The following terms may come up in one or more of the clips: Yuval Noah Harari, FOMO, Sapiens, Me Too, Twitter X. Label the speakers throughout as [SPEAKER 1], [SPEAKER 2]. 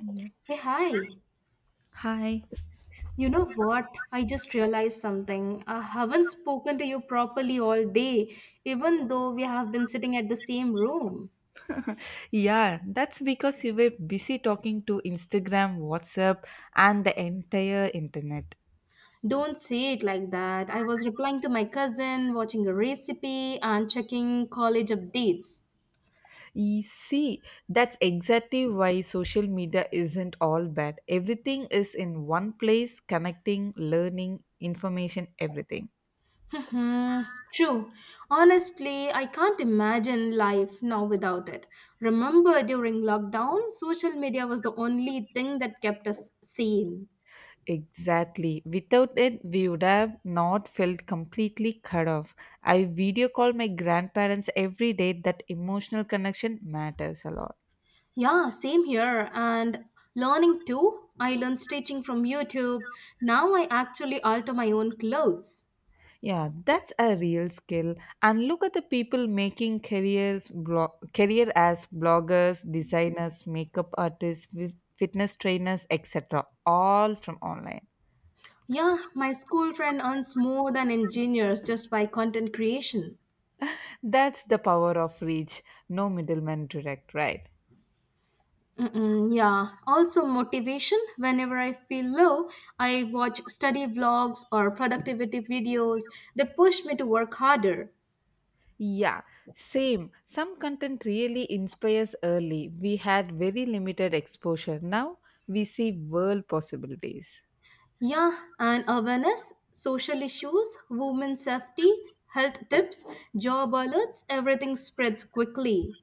[SPEAKER 1] Yeah.
[SPEAKER 2] Hey, hi.
[SPEAKER 1] Hi.
[SPEAKER 2] You know what? I just realized something. I haven't spoken to you properly all day, even though we have been sitting at the same room.
[SPEAKER 1] Yeah, that's because you were busy talking to Instagram, WhatsApp, and the entire internet.
[SPEAKER 2] Don't say it like that. I was replying to my cousin, watching a recipe, and checking college updates.
[SPEAKER 1] You see, that's exactly why social media isn't all bad. Everything is in one place, connecting, learning, information, everything.
[SPEAKER 2] Hmm. True. Honestly, I can't imagine life now without it. Remember during lockdown, social media was the only thing that kept us sane.
[SPEAKER 1] Exactly. Without it, we would have not felt completely cut off. I video call my grandparents every day. That emotional connection matters a lot.
[SPEAKER 2] Yeah, same here. And learning too. I learn stitching from YouTube. Now I actually alter my own clothes.
[SPEAKER 1] Yeah, that's a real skill. And look at the people making careers blog career as bloggers, designers, makeup artists, wi- fitness trainers, etc. all from online.
[SPEAKER 2] Yeah, my school friend earns more than engineers just by content creation.
[SPEAKER 1] That's the power of reach. No middleman direct, right?
[SPEAKER 2] Mm-mm, yeah. Also, motivation. Whenever I feel low, I watch study vlogs or productivity videos. They push me to work harder.
[SPEAKER 1] Yeah, same. Some content really inspires early. We had very limited exposure. Now we see world possibilities.
[SPEAKER 2] Yeah, and awareness, social issues, women's safety, health tips, job alerts, everything spreads quickly.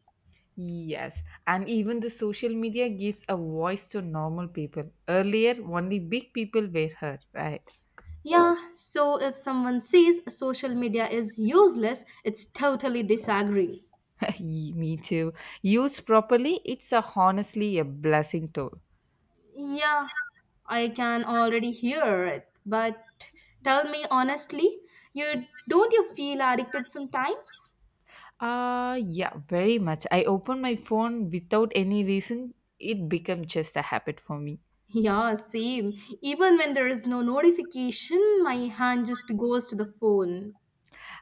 [SPEAKER 1] Yes, and even the social media gives a voice to normal people. Earlier, only big people were heard, right?
[SPEAKER 2] Yeah, so if someone says social media is useless, it's totally disagree.
[SPEAKER 1] Me too. Used properly, it's a, honestly a blessing tool.
[SPEAKER 2] Yeah, I can already hear it. But tell me honestly, you don't you feel addicted sometimes?
[SPEAKER 1] Yeah, very much. I open my phone without any reason. It became just a habit for me.
[SPEAKER 2] Yeah, same. Even when there is no notification, my hand just goes to the phone.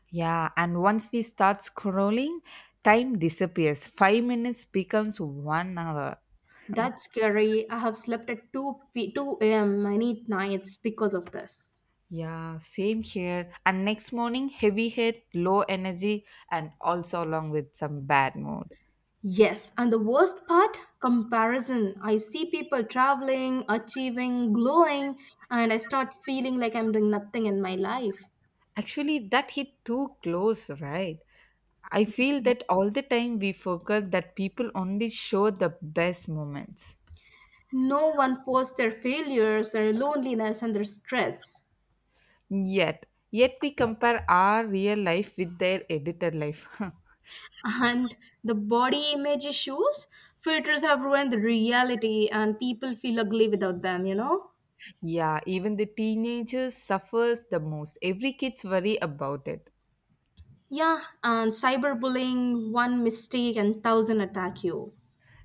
[SPEAKER 1] Yeah, and once we start scrolling, time disappears. 5 minutes becomes one hour.
[SPEAKER 2] That's scary. I have slept at 2 a.m. many nights because of this.
[SPEAKER 1] Yeah, same here. And next morning, heavy head, low energy, and also along with some bad mood.
[SPEAKER 2] Yes, and the worst part comparison. I see people traveling, achieving, glowing, and I start feeling like I'm doing nothing in my life.
[SPEAKER 1] Actually, that hit too close, right? I feel that all the time we forget that people only show the best moments.
[SPEAKER 2] No one posts their failures, their loneliness, and their stress.
[SPEAKER 1] Yet we compare our real life with their edited life.
[SPEAKER 2] And the body image issues, filters have ruined the reality, and people feel ugly without them, you know?
[SPEAKER 1] yeah, even the teenagers suffers the most. Every kid's worry about it.
[SPEAKER 2] Yeah, and cyberbullying, one mistake and thousand attack you.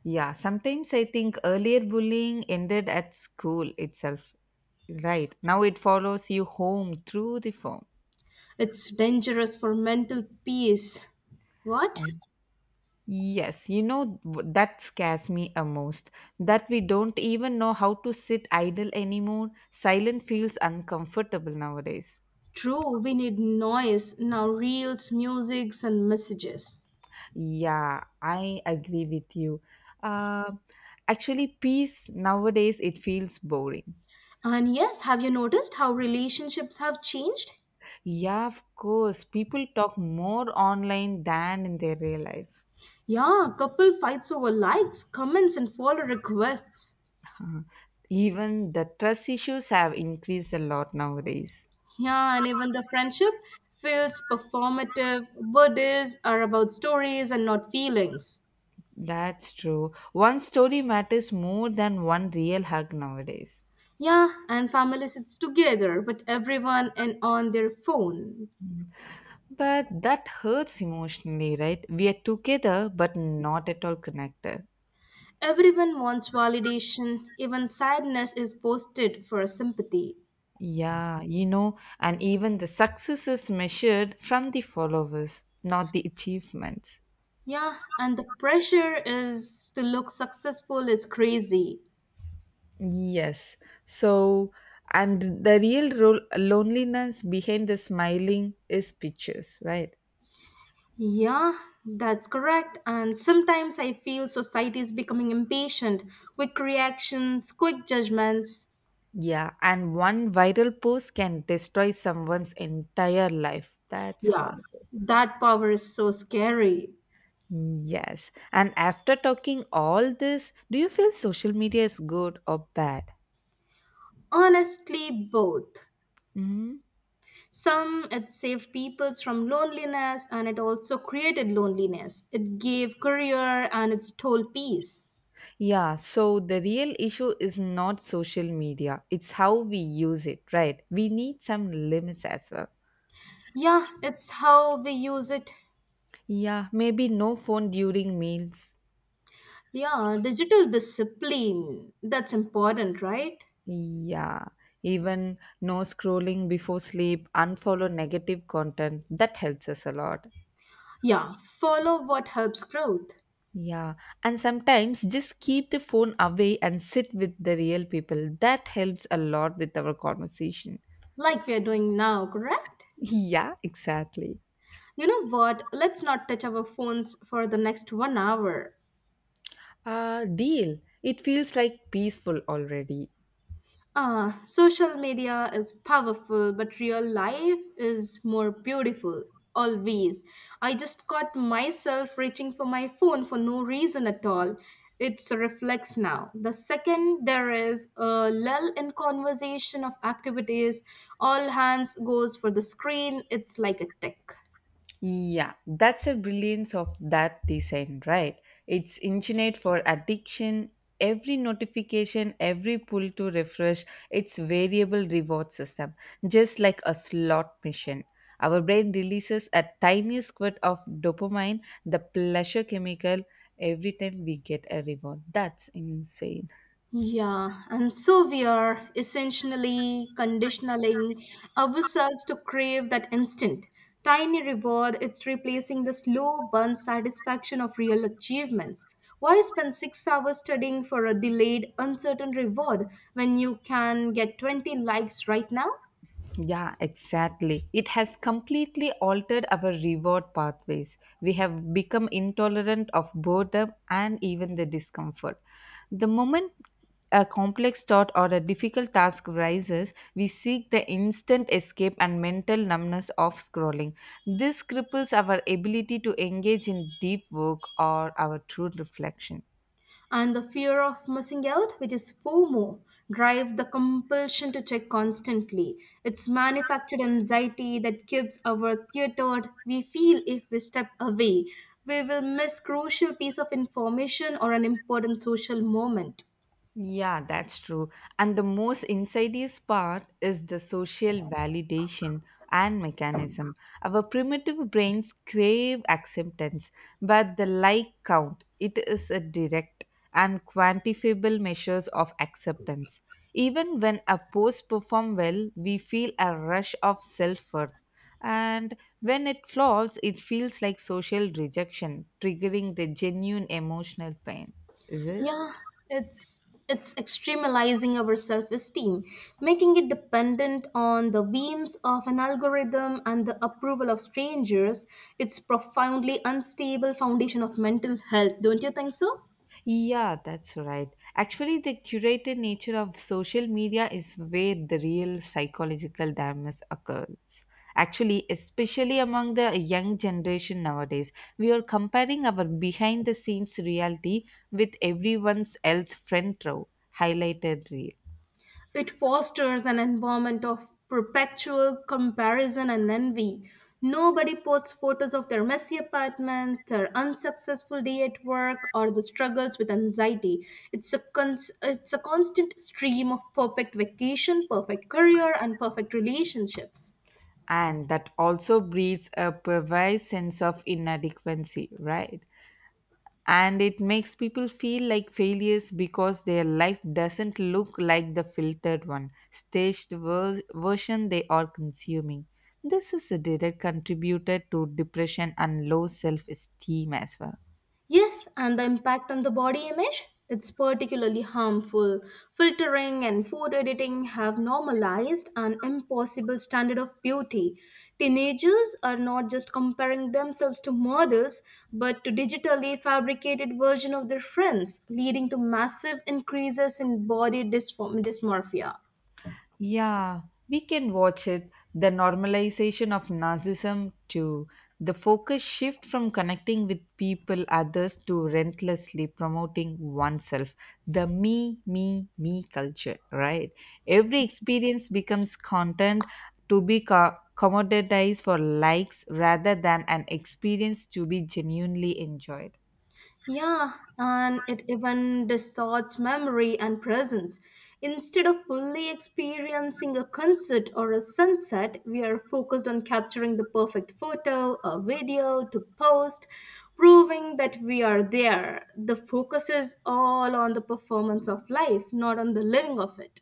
[SPEAKER 1] Yeah, sometimes I think earlier bullying ended at school itself. Right. Now it follows you home through the phone.
[SPEAKER 2] It's dangerous for mental peace. What?
[SPEAKER 1] Yes, that scares me a most. That we don't even know how to sit idle anymore. Silent feels uncomfortable nowadays.
[SPEAKER 2] True, we need noise now reels, musics and messages.
[SPEAKER 1] Yeah, I agree with you. Uh, actually, peace nowadays it feels boring.
[SPEAKER 2] And yes, have you noticed how relationships have changed?
[SPEAKER 1] Yeah, of course, people talk more online than in their real life.
[SPEAKER 2] Yeah, couple fights over likes, comments and follow requests.
[SPEAKER 1] Even the trust issues have increased a lot nowadays.
[SPEAKER 2] Yeah, and even the friendship feels performative, birthdays are about stories and not feelings.
[SPEAKER 1] That's true. One story matters more than one real hug nowadays.
[SPEAKER 2] Yeah, and family sits together, but everyone and on their phone.
[SPEAKER 1] But that hurts emotionally, right? We are together but not at all connected.
[SPEAKER 2] Everyone wants validation, even sadness is posted for sympathy.
[SPEAKER 1] Yeah, you know, and even the success is measured from the followers, not the achievements.
[SPEAKER 2] Yeah, and the pressure is to look successful is crazy.
[SPEAKER 1] Yes. So, and the real role, loneliness behind the smiling is pictures, right?
[SPEAKER 2] Yeah, that's correct. And sometimes I feel society is becoming impatient, quick reactions, quick judgments.
[SPEAKER 1] Yeah, and one viral post can destroy someone's entire life. That's
[SPEAKER 2] Yeah,
[SPEAKER 1] horrible.
[SPEAKER 2] that power is so scary.
[SPEAKER 1] Yes. And after talking all this, do you feel social media is good or bad?
[SPEAKER 2] Honestly, both.
[SPEAKER 1] Hmm.
[SPEAKER 2] Some, it saved peoples from loneliness and it also created loneliness. It gave career and it stole peace.
[SPEAKER 1] Yeah, so the real issue is not social media, it's how we use it, right? We need some limits as well.
[SPEAKER 2] Yeah, it's how we use it.
[SPEAKER 1] Yeah, maybe no phone during meals.
[SPEAKER 2] Yeah, digital discipline. That's important, right?
[SPEAKER 1] Yeah, even no scrolling before sleep, unfollow negative content. That helps us a lot.
[SPEAKER 2] Yeah, follow what helps growth,
[SPEAKER 1] Yeah, and sometimes just keep the phone away and sit with the real people. That helps a lot with our conversation.
[SPEAKER 2] like we are doing now, correct?
[SPEAKER 1] Yeah, exactly.
[SPEAKER 2] You know what? Let's not touch our phones for the next one hour.
[SPEAKER 1] Deal. It feels like peaceful already.
[SPEAKER 2] Ah, social media is powerful, but real life is more beautiful. Always. I just caught myself reaching for my phone for no reason at all. It's a reflex now. The second there is a lull in conversation of activities, all hands goes for the screen. It's like a tick.
[SPEAKER 1] Yeah, that's the brilliance of that design, right? It's engineered for addiction. Every notification, every pull to refresh, it's variable reward system, just like a slot machine. Our brain releases a tiny squirt of dopamine, the pleasure chemical, every time we get a reward. That's insane.
[SPEAKER 2] Yeah, and so we are essentially conditioning ourselves to crave that instant. Tiny reward, it's replacing the slow burn satisfaction of real achievements. Why spend 6 hours studying for a delayed, uncertain reward when you can get 20 likes right now?
[SPEAKER 1] Yeah, exactly. It has completely altered our reward pathways. We have become intolerant of boredom and even the discomfort. The moment a complex thought or a difficult task rises, we seek the instant escape and mental numbness of scrolling. This cripples our ability to engage in deep work or our true reflection.
[SPEAKER 2] And the fear of missing out, which is FOMO, drives the compulsion to check constantly. It's manufactured anxiety that gives our theatered we feel if we step away. We will miss crucial piece of information or an important social moment.
[SPEAKER 1] Yeah, that's true. And the most insidious part is the social validation and mechanism. Our primitive brains crave acceptance, but the like count, it is a direct and quantifiable measures of acceptance. Even when a post perform well, we feel a rush of self-worth. And when it flops, it feels like social rejection, triggering the genuine emotional pain. Is it?
[SPEAKER 2] Yeah, it's it's extremalizing our self-esteem, making it dependent on the whims of an algorithm and the approval of strangers. It's profoundly unstable foundation of mental health, don't you think so?
[SPEAKER 1] Yeah, that's right. Actually, the curated nature of social media is where the real psychological damage occurs. Actually, especially among the young generation nowadays, we are comparing our behind the scenes reality with everyone's else front row highlighted reel.
[SPEAKER 2] It fosters an environment of perpetual comparison and envy. Nobody posts photos of their messy apartments, their unsuccessful day at work, or the struggles with anxiety. It's a constant stream of perfect vacation, perfect career, and perfect relationships.
[SPEAKER 1] And that also breeds a pervasive sense of inadequacy, right? And it makes people feel like failures because their life doesn't look like the filtered one, staged version they are consuming. This is a direct contributor to depression and low self esteem as well.
[SPEAKER 2] Yes, and the impact on the body image? It's particularly harmful. Filtering and food editing have normalized an impossible standard of beauty. Teenagers are not just comparing themselves to models, but to digitally fabricated version of their friends, leading to massive increases in body dysmorphia.
[SPEAKER 1] Yeah, we can watch it. The normalization of narcissism too. The focus shift from connecting with people, others to relentlessly promoting oneself. The me, me, me culture, right? Every experience becomes content to be commoditized for likes rather than an experience to be genuinely enjoyed.
[SPEAKER 2] Yeah, and it even distorts memory and presence. Instead of fully experiencing a concert or a sunset, we are focused on capturing the perfect photo or video to post, proving that we are there. The focus is all on the performance of life, not on the living of it.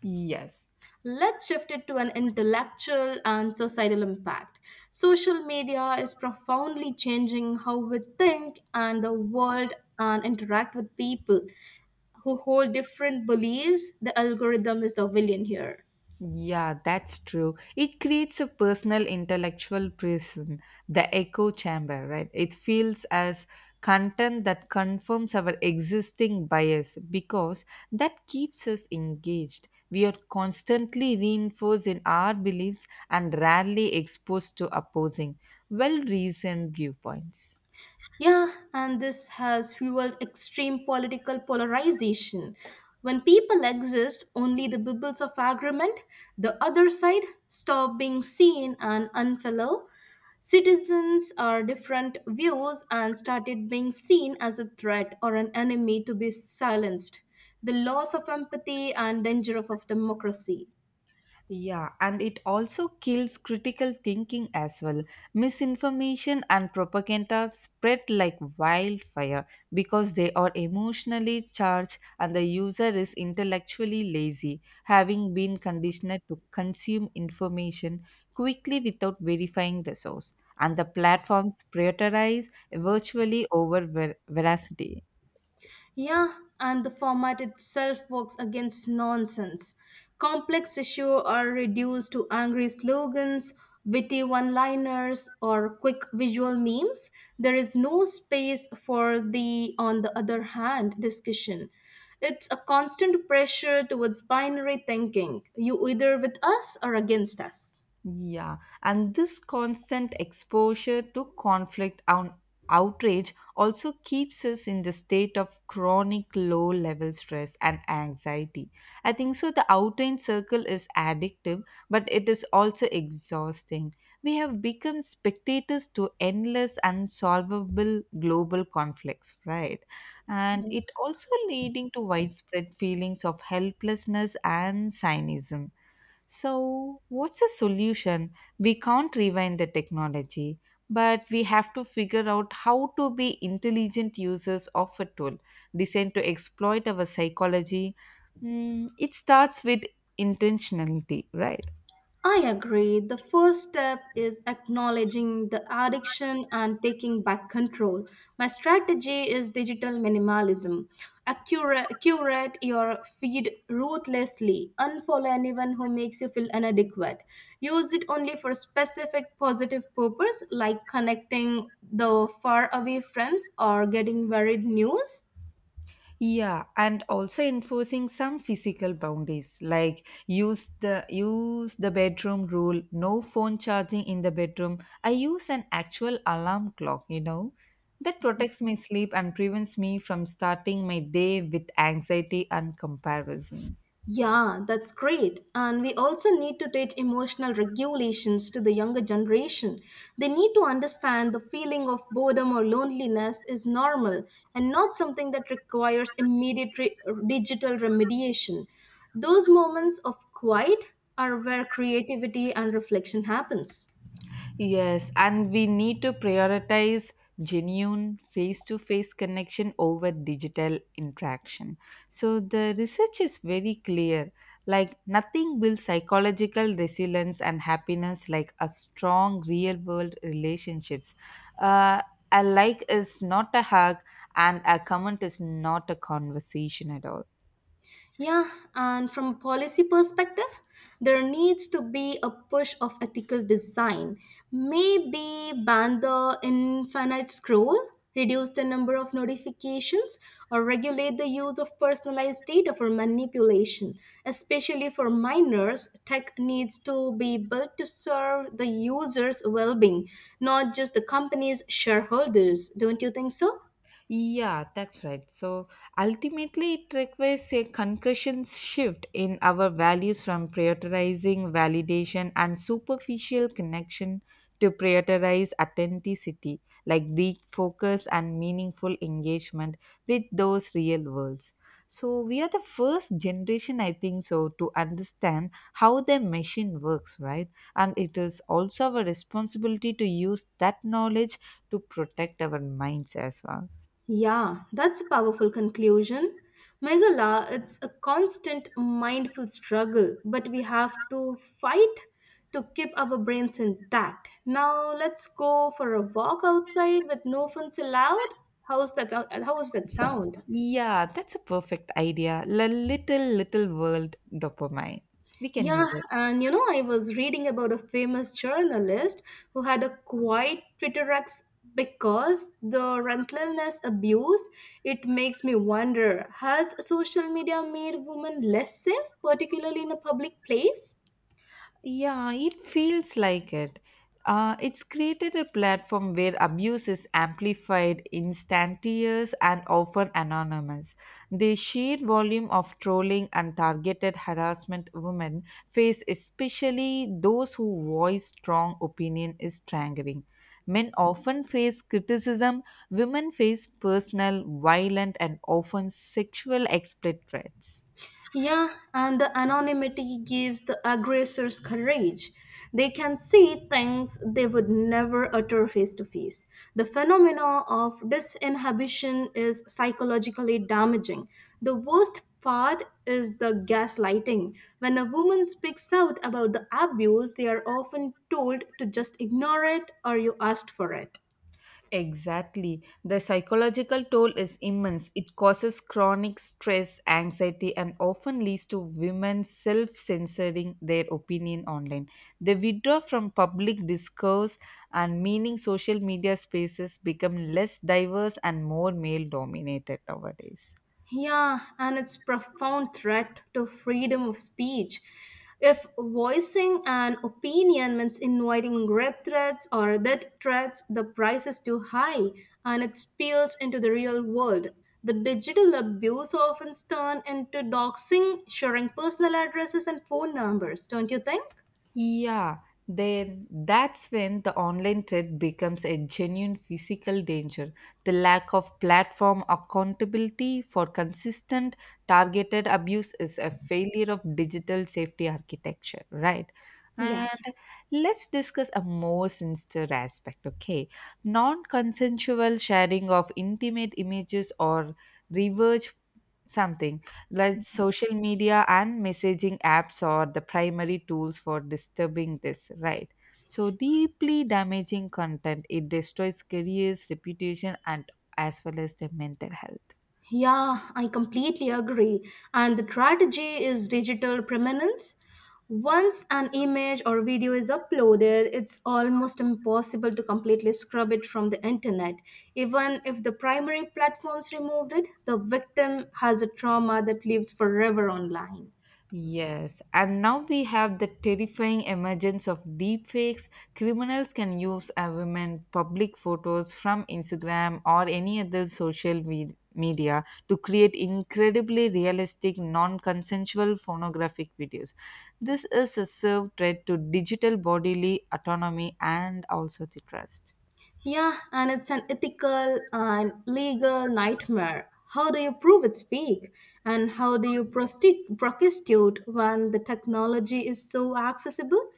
[SPEAKER 1] Yes.
[SPEAKER 2] Let's shift it to an intellectual and societal impact. Social media is profoundly changing how we think and the world and interact with people who hold different beliefs. The algorithm is the villain here.
[SPEAKER 1] Yeah, that's true. It creates a personal intellectual prison, the echo chamber, right? It feels as content that confirms our existing bias because that keeps us engaged. We are constantly reinforced in our beliefs and rarely exposed to opposing, well reasoned viewpoints.
[SPEAKER 2] Yeah, and this has fueled extreme political polarization. When people exist only the bubbles of agreement, the other side stop being seen and unfellow. Citizens are different views and started being seen as a threat or an enemy to be silenced. The loss of empathy and danger of democracy.
[SPEAKER 1] Yeah, and it also kills critical thinking as well. Misinformation and propaganda spread like wildfire because they are emotionally charged and the user is intellectually lazy, having been conditioned to consume information quickly without verifying the source. And the platforms prioritize virtually over veracity.
[SPEAKER 2] Yeah, and the format itself works against nonsense. Complex issues are reduced to angry slogans, witty one liners, or quick visual memes. There is no space for the, on the other hand, discussion. It's a constant pressure towards binary thinking. You either with us or against us.
[SPEAKER 1] Yeah, and this constant exposure to conflict and outrage also keeps us in the state of chronic low level stress and anxiety. I think so. The outrage circle is addictive, but it is also exhausting. We have become spectators to endless unsolvable global conflicts, right? And it also leading to widespread feelings of helplessness and cynicism. So, what's the solution? We can't rewind the technology, but we have to figure out how to be intelligent users of a tool designed to exploit our psychology. Mm, it starts with intentionality, right?
[SPEAKER 2] I agree. The first step is acknowledging the addiction and taking back control. My strategy is digital minimalism. Accurate, curate your feed ruthlessly. Unfollow anyone who makes you feel inadequate. Use it only for specific positive purpose like connecting the far away friends or getting varied news.
[SPEAKER 1] Yeah, and also enforcing some physical boundaries like use the bedroom rule, no phone charging in the bedroom. I use an actual alarm clock, you know, that protects my sleep and prevents me from starting my day with anxiety and comparison.
[SPEAKER 2] Yeah, that's great. And we also need to teach emotional regulations to the younger generation. They need to understand the feeling of boredom or loneliness is normal and not something that requires immediate digital remediation. Those moments of quiet are where creativity and reflection happens.
[SPEAKER 1] Yes, and we need to prioritize genuine face to face connection over digital interaction. So, the research is very clear like, nothing builds psychological resilience and happiness like a strong real world relationships. Uh, a like is not a hug, and a comment is not a conversation at all.
[SPEAKER 2] Yeah, and from a policy perspective, there needs to be a push of ethical design. Maybe ban the infinite scroll, reduce the number of notifications, or regulate the use of personalized data for manipulation. Especially for minors, tech needs to be built to serve the user's well being, not just the company's shareholders. Don't you think so?
[SPEAKER 1] Yeah, that's right. So ultimately, it requires a concussion shift in our values from prioritizing validation and superficial connection to prioritize authenticity, like deep focus and meaningful engagement with those real worlds. So we are the first generation, I think so, to understand how the machine works, right? And it is also our responsibility to use that knowledge to protect our minds as well.
[SPEAKER 2] Yeah, that's a powerful conclusion. Meghala, it's a constant mindful struggle, but we have to fight to keep our brains intact. Now let's go for a walk outside with no phones allowed. How's that? How is that sound?
[SPEAKER 1] Yeah, that's a perfect idea. La little, little world dopamine. We can use
[SPEAKER 2] Yeah,
[SPEAKER 1] it.
[SPEAKER 2] and you know, I was reading about a famous journalist who had a quiet Twitter X because the relentless abuse. It makes me wonder: has social media made women less safe, particularly in a public place?
[SPEAKER 1] Yeah, it feels like it. It's created a platform where abuse is amplified, instantaneous, and often anonymous. The sheer volume of trolling and targeted harassment women face, especially those who voice strong opinion, is staggering. Men often face criticism, women face personal, violent, and often sexual exploit threats.
[SPEAKER 2] Yeah, and the anonymity gives the aggressors courage. They can see things they would never utter face to face. The phenomenon of disinhibition is psychologically damaging. The worst part is the gaslighting. When a woman speaks out about the abuse, they are often told to just ignore it or you asked for it.
[SPEAKER 1] Exactly. The psychological toll is immense. It causes chronic stress, anxiety, and often leads to women self censoring their opinion online. They withdraw from public discourse, and meaning social media spaces become less diverse and more male dominated nowadays.
[SPEAKER 2] Yeah, and it's profound threat to freedom of speech. If voicing an opinion means inviting rape threats or death threats, the price is too high and it spills into the real world. The digital abuse often turns into doxing, sharing personal addresses and phone numbers, don't you think?
[SPEAKER 1] Yeah, then that's when the online threat becomes a genuine physical danger. The lack of platform accountability for consistent targeted abuse is a failure of digital safety architecture, right?
[SPEAKER 2] Yeah.
[SPEAKER 1] And let's discuss a more sinister aspect, okay? Non consensual sharing of intimate images or reverse something like social media and messaging apps are the primary tools for disturbing this right so deeply damaging content it destroys careers reputation and as well as the mental health.
[SPEAKER 2] Yeah, I completely agree. And the strategy is digital permanence. Once an image or video is uploaded, it's almost impossible to completely scrub it from the internet. Even if the primary platforms removed it, the victim has a trauma that lives forever online.
[SPEAKER 1] Yes, and now we have the terrifying emergence of deepfakes. Criminals can use a woman public photos from Instagram or any other social media to create incredibly realistic, non consensual pornographic videos. This is a serve threat to digital bodily autonomy and also the trust.
[SPEAKER 2] Yeah, and it's an ethical and legal nightmare. How do you prove it's fake? And how do you prosecute when the technology is so accessible?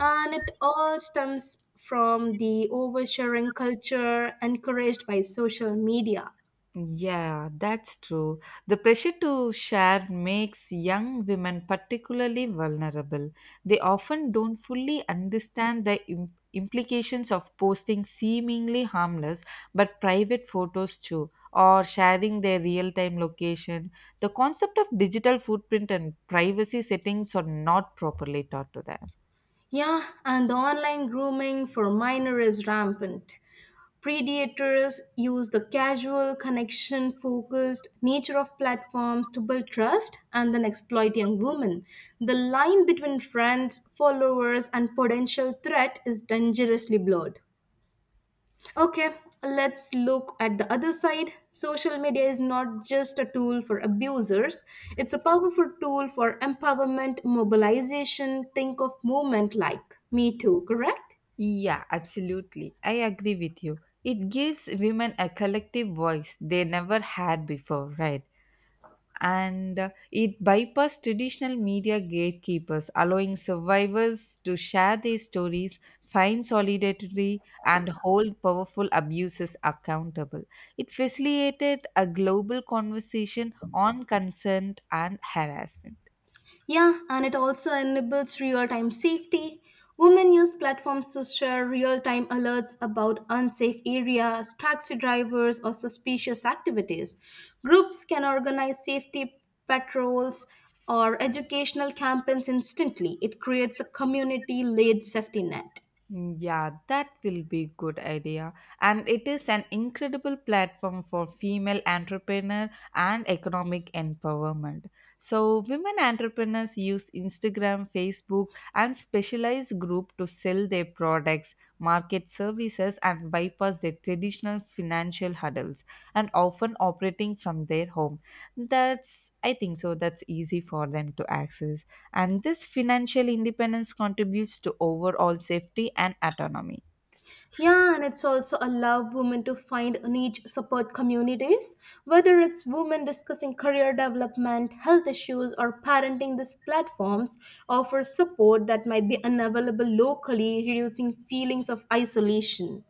[SPEAKER 2] And it all stems from the oversharing culture encouraged by social media.
[SPEAKER 1] Yeah, that's true. The pressure to share makes young women particularly vulnerable. They often don't fully understand the implications of posting seemingly harmless but private photos too, or sharing their real time location. The concept of digital footprint and privacy settings are not properly taught to them.
[SPEAKER 2] Yeah, and the online grooming for minor is rampant. Predators use the casual, connection focused nature of platforms to build trust and then exploit young women. The line between friends, followers, and potential threat is dangerously blurred. Okay, let's look at the other side. Social media is not just a tool for abusers, it's a powerful tool for empowerment, mobilization. Think of movement like Me Too, correct?
[SPEAKER 1] Yeah, absolutely. I agree with you. It gives women a collective voice they never had before, right? And it bypassed traditional media gatekeepers, allowing survivors to share their stories, find solidarity, and hold powerful abusers accountable. It facilitated a global conversation on consent and harassment.
[SPEAKER 2] Yeah, and it also enables real time safety. Women use platforms to share real time alerts about unsafe areas, taxi drivers, or suspicious activities. Groups can organize safety patrols or educational campaigns instantly. It creates a community led safety net.
[SPEAKER 1] Mm, yeah, that will be good idea. And it is an incredible platform for female entrepreneur and economic empowerment. So women entrepreneurs use Instagram, Facebook and specialized group to sell their products, market services and bypass their traditional financial hurdles and often operating from their home. That's I think so that's easy for them to access and this financial independence contributes to overall safety and autonomy.
[SPEAKER 2] Yeah, and it's also allow women to find niche support communities, whether it's women discussing career development, health issues, or parenting. These platforms offer support that might be unavailable locally, reducing feelings of isolation.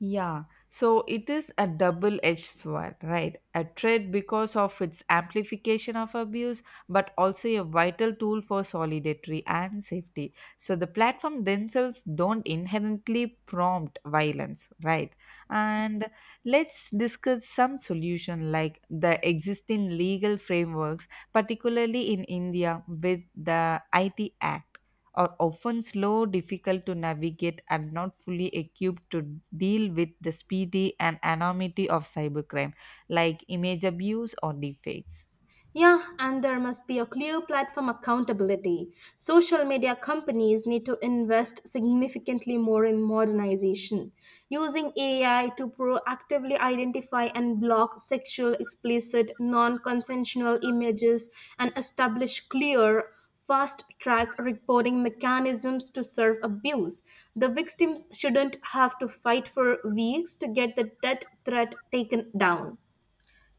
[SPEAKER 1] Yeah, so it is a double edged sword, right? A threat because of its amplification of abuse, but also a vital tool for solidarity and safety. So the platform themselves don't inherently prompt violence, right? And let's discuss some solution like the existing legal frameworks, particularly in India with the IT Act. Are often slow, difficult to navigate, and not fully equipped to deal with the speedy and anonymity of cybercrime, like image abuse or deepfakes.
[SPEAKER 2] Yeah, and there must be a clear platform accountability. Social media companies need to invest significantly more in modernization, using AI to proactively identify and block sexual, explicit, non consensual images and establish clear fast track reporting mechanisms to serve abuse. The victims shouldn't have to fight for weeks to get the death threat taken down.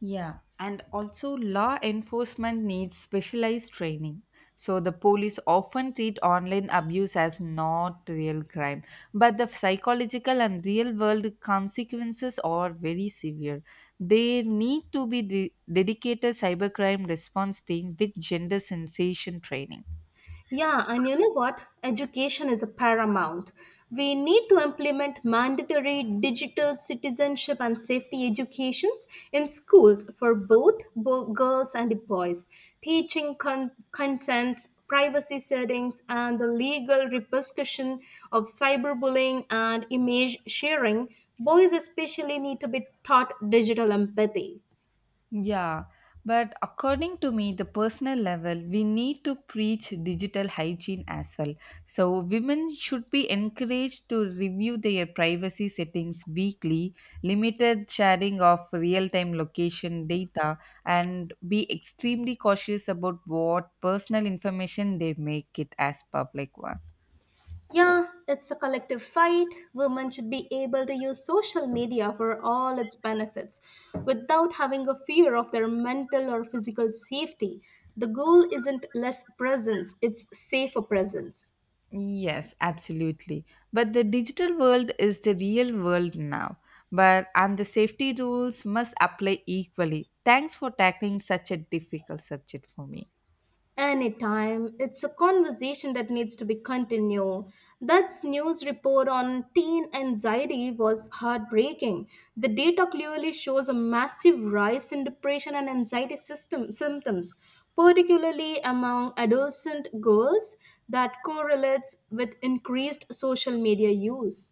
[SPEAKER 1] Yeah, and also law enforcement needs specialized training. So the police often treat online abuse as not real crime, but the psychological and real world consequences are very severe. There need to be dedicated cybercrime response team with gender sensation training.
[SPEAKER 2] Yeah, and you know what? Education is a paramount. We need to implement mandatory digital citizenship and safety educations in schools for both girls and the boys, teaching consents, privacy settings, and the legal repercussion of cyberbullying and image sharing. Boys especially need to be taught digital empathy.
[SPEAKER 1] Yeah, but according to me, the personal level, we need to preach digital hygiene as well. So, women should be encouraged to review their privacy settings weekly, limited sharing of real time location data, and be extremely cautious about what personal information they make it as public one.
[SPEAKER 2] Yeah, it's a collective fight. Women should be able to use social media for all its benefits without having a fear of their mental or physical safety. The goal isn't less presence, it's safer presence.
[SPEAKER 1] Yes, absolutely. But the digital world is the real world now. But and the safety rules must apply equally. Thanks for tackling such a difficult subject for me.
[SPEAKER 2] Anytime. It's a conversation that needs to be continued. That news report on teen anxiety was heartbreaking. The data clearly shows a massive rise in depression and anxiety system symptoms, particularly among adolescent girls, that correlates with increased social media use.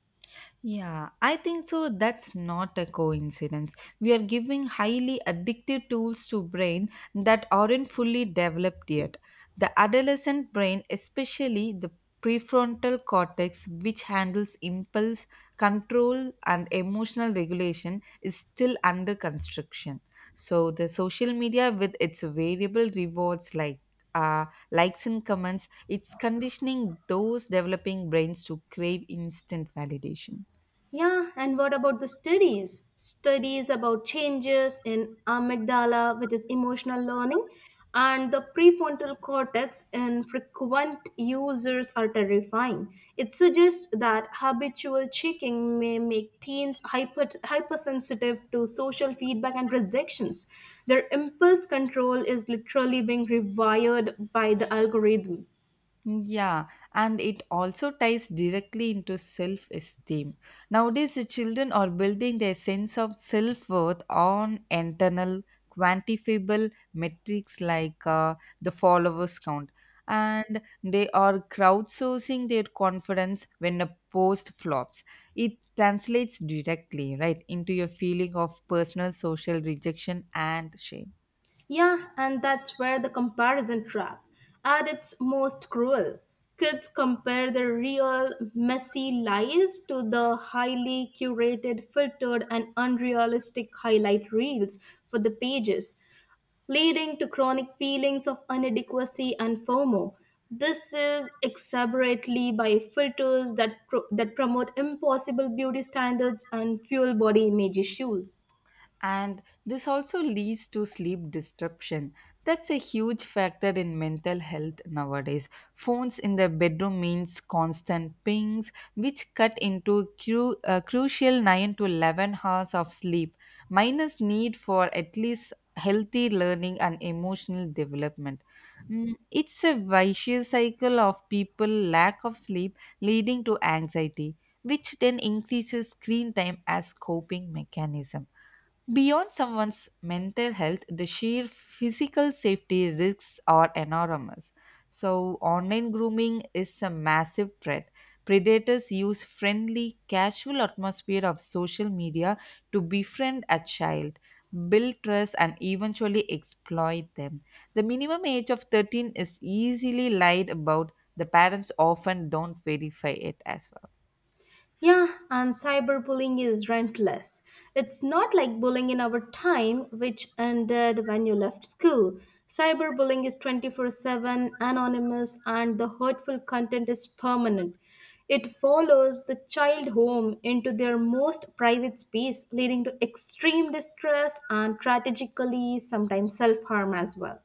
[SPEAKER 1] Yeah, I think so. That's not a coincidence. We are giving highly addictive tools to brain that aren't fully developed yet. The adolescent brain, especially the prefrontal cortex, which handles impulse control and emotional regulation, is still under construction. So the social media with its variable rewards like uh, likes and comments, it's conditioning those developing brains to crave instant validation.
[SPEAKER 2] Yeah, and what about the studies? Studies about changes in amygdala, which is emotional learning, and the prefrontal cortex in frequent users are terrifying. It suggests that habitual checking may make teens hypersensitive to social feedback and rejections. Their impulse control is literally being rewired by the algorithm.
[SPEAKER 1] Yeah, and it also ties directly into self esteem. Nowadays, the children are building their sense of self worth on internal, quantifiable metrics like the followers count, and they are crowdsourcing their confidence when a post flops. It translates directly, right, into your feeling of personal social rejection and shame.
[SPEAKER 2] Yeah, and that's where the comparison trap at its most cruel. Kids compare their real, messy lives to the highly curated, filtered, and unrealistic highlight reels for the pages, leading to chronic feelings of inadequacy and FOMO. This is exacerbatedly by filters that promote impossible beauty standards and fuel body image issues.
[SPEAKER 1] And this also leads to sleep disruption. That's a huge factor in mental health nowadays. Phones in the bedroom means constant pings which cut into crucial 9 to 11 hours of sleep minus need for at least healthy learning and emotional development. Mm, it's a vicious cycle of people lack of sleep leading to anxiety which then increases screen time as coping mechanism. Beyond someone's mental health, the sheer physical safety risks are enormous. So, online grooming is a massive threat. Predators use friendly, casual atmosphere of social media to befriend a child, build trust, and eventually exploit them. The minimum age of 13 is easily lied about. The parents often don't verify it as well.
[SPEAKER 2] Yeah, and cyberbullying is relentless. It's not like bullying in our time, which ended when you left school. Cyberbullying is 24/7, anonymous, and the hurtful content is permanent. It follows the child home into their most private space, leading to extreme distress and tragically, sometimes self harm as well.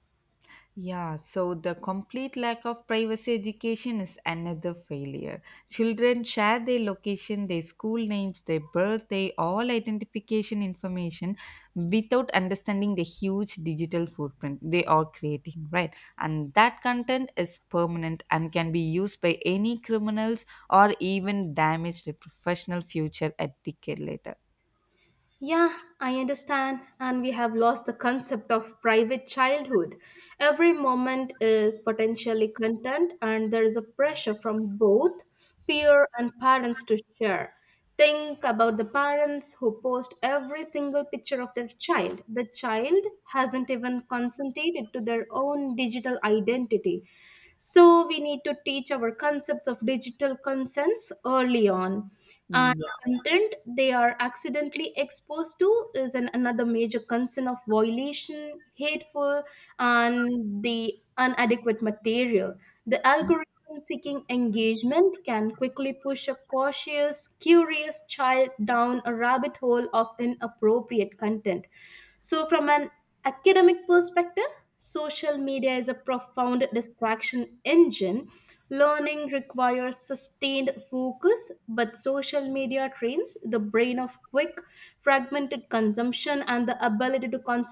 [SPEAKER 1] Yeah, so the complete lack of privacy education is another failure. Children share their location, their school names, their birth, their all identification information without understanding the huge digital footprint they are creating, right? And that content is permanent and can be used by any criminals or even damage their professional future a decade later.
[SPEAKER 2] Yeah, I understand. And we have lost the concept of private childhood. Every moment is potentially content, and there is a pressure from both peer and parents to share. Think about the parents who post every single picture of their child. The child hasn't even consented to their own digital identity. So we need to teach our concepts of digital consents early on content they are accidentally exposed to is an, another major concern of violation, hateful, and the inadequate material. The algorithm seeking engagement can quickly push a cautious, curious child down a rabbit hole of inappropriate content. So, from an academic perspective, social media is a profound distraction engine. Learning requires sustained focus, but social media trains the brain of quick, fragmented consumption and the ability to concentrate.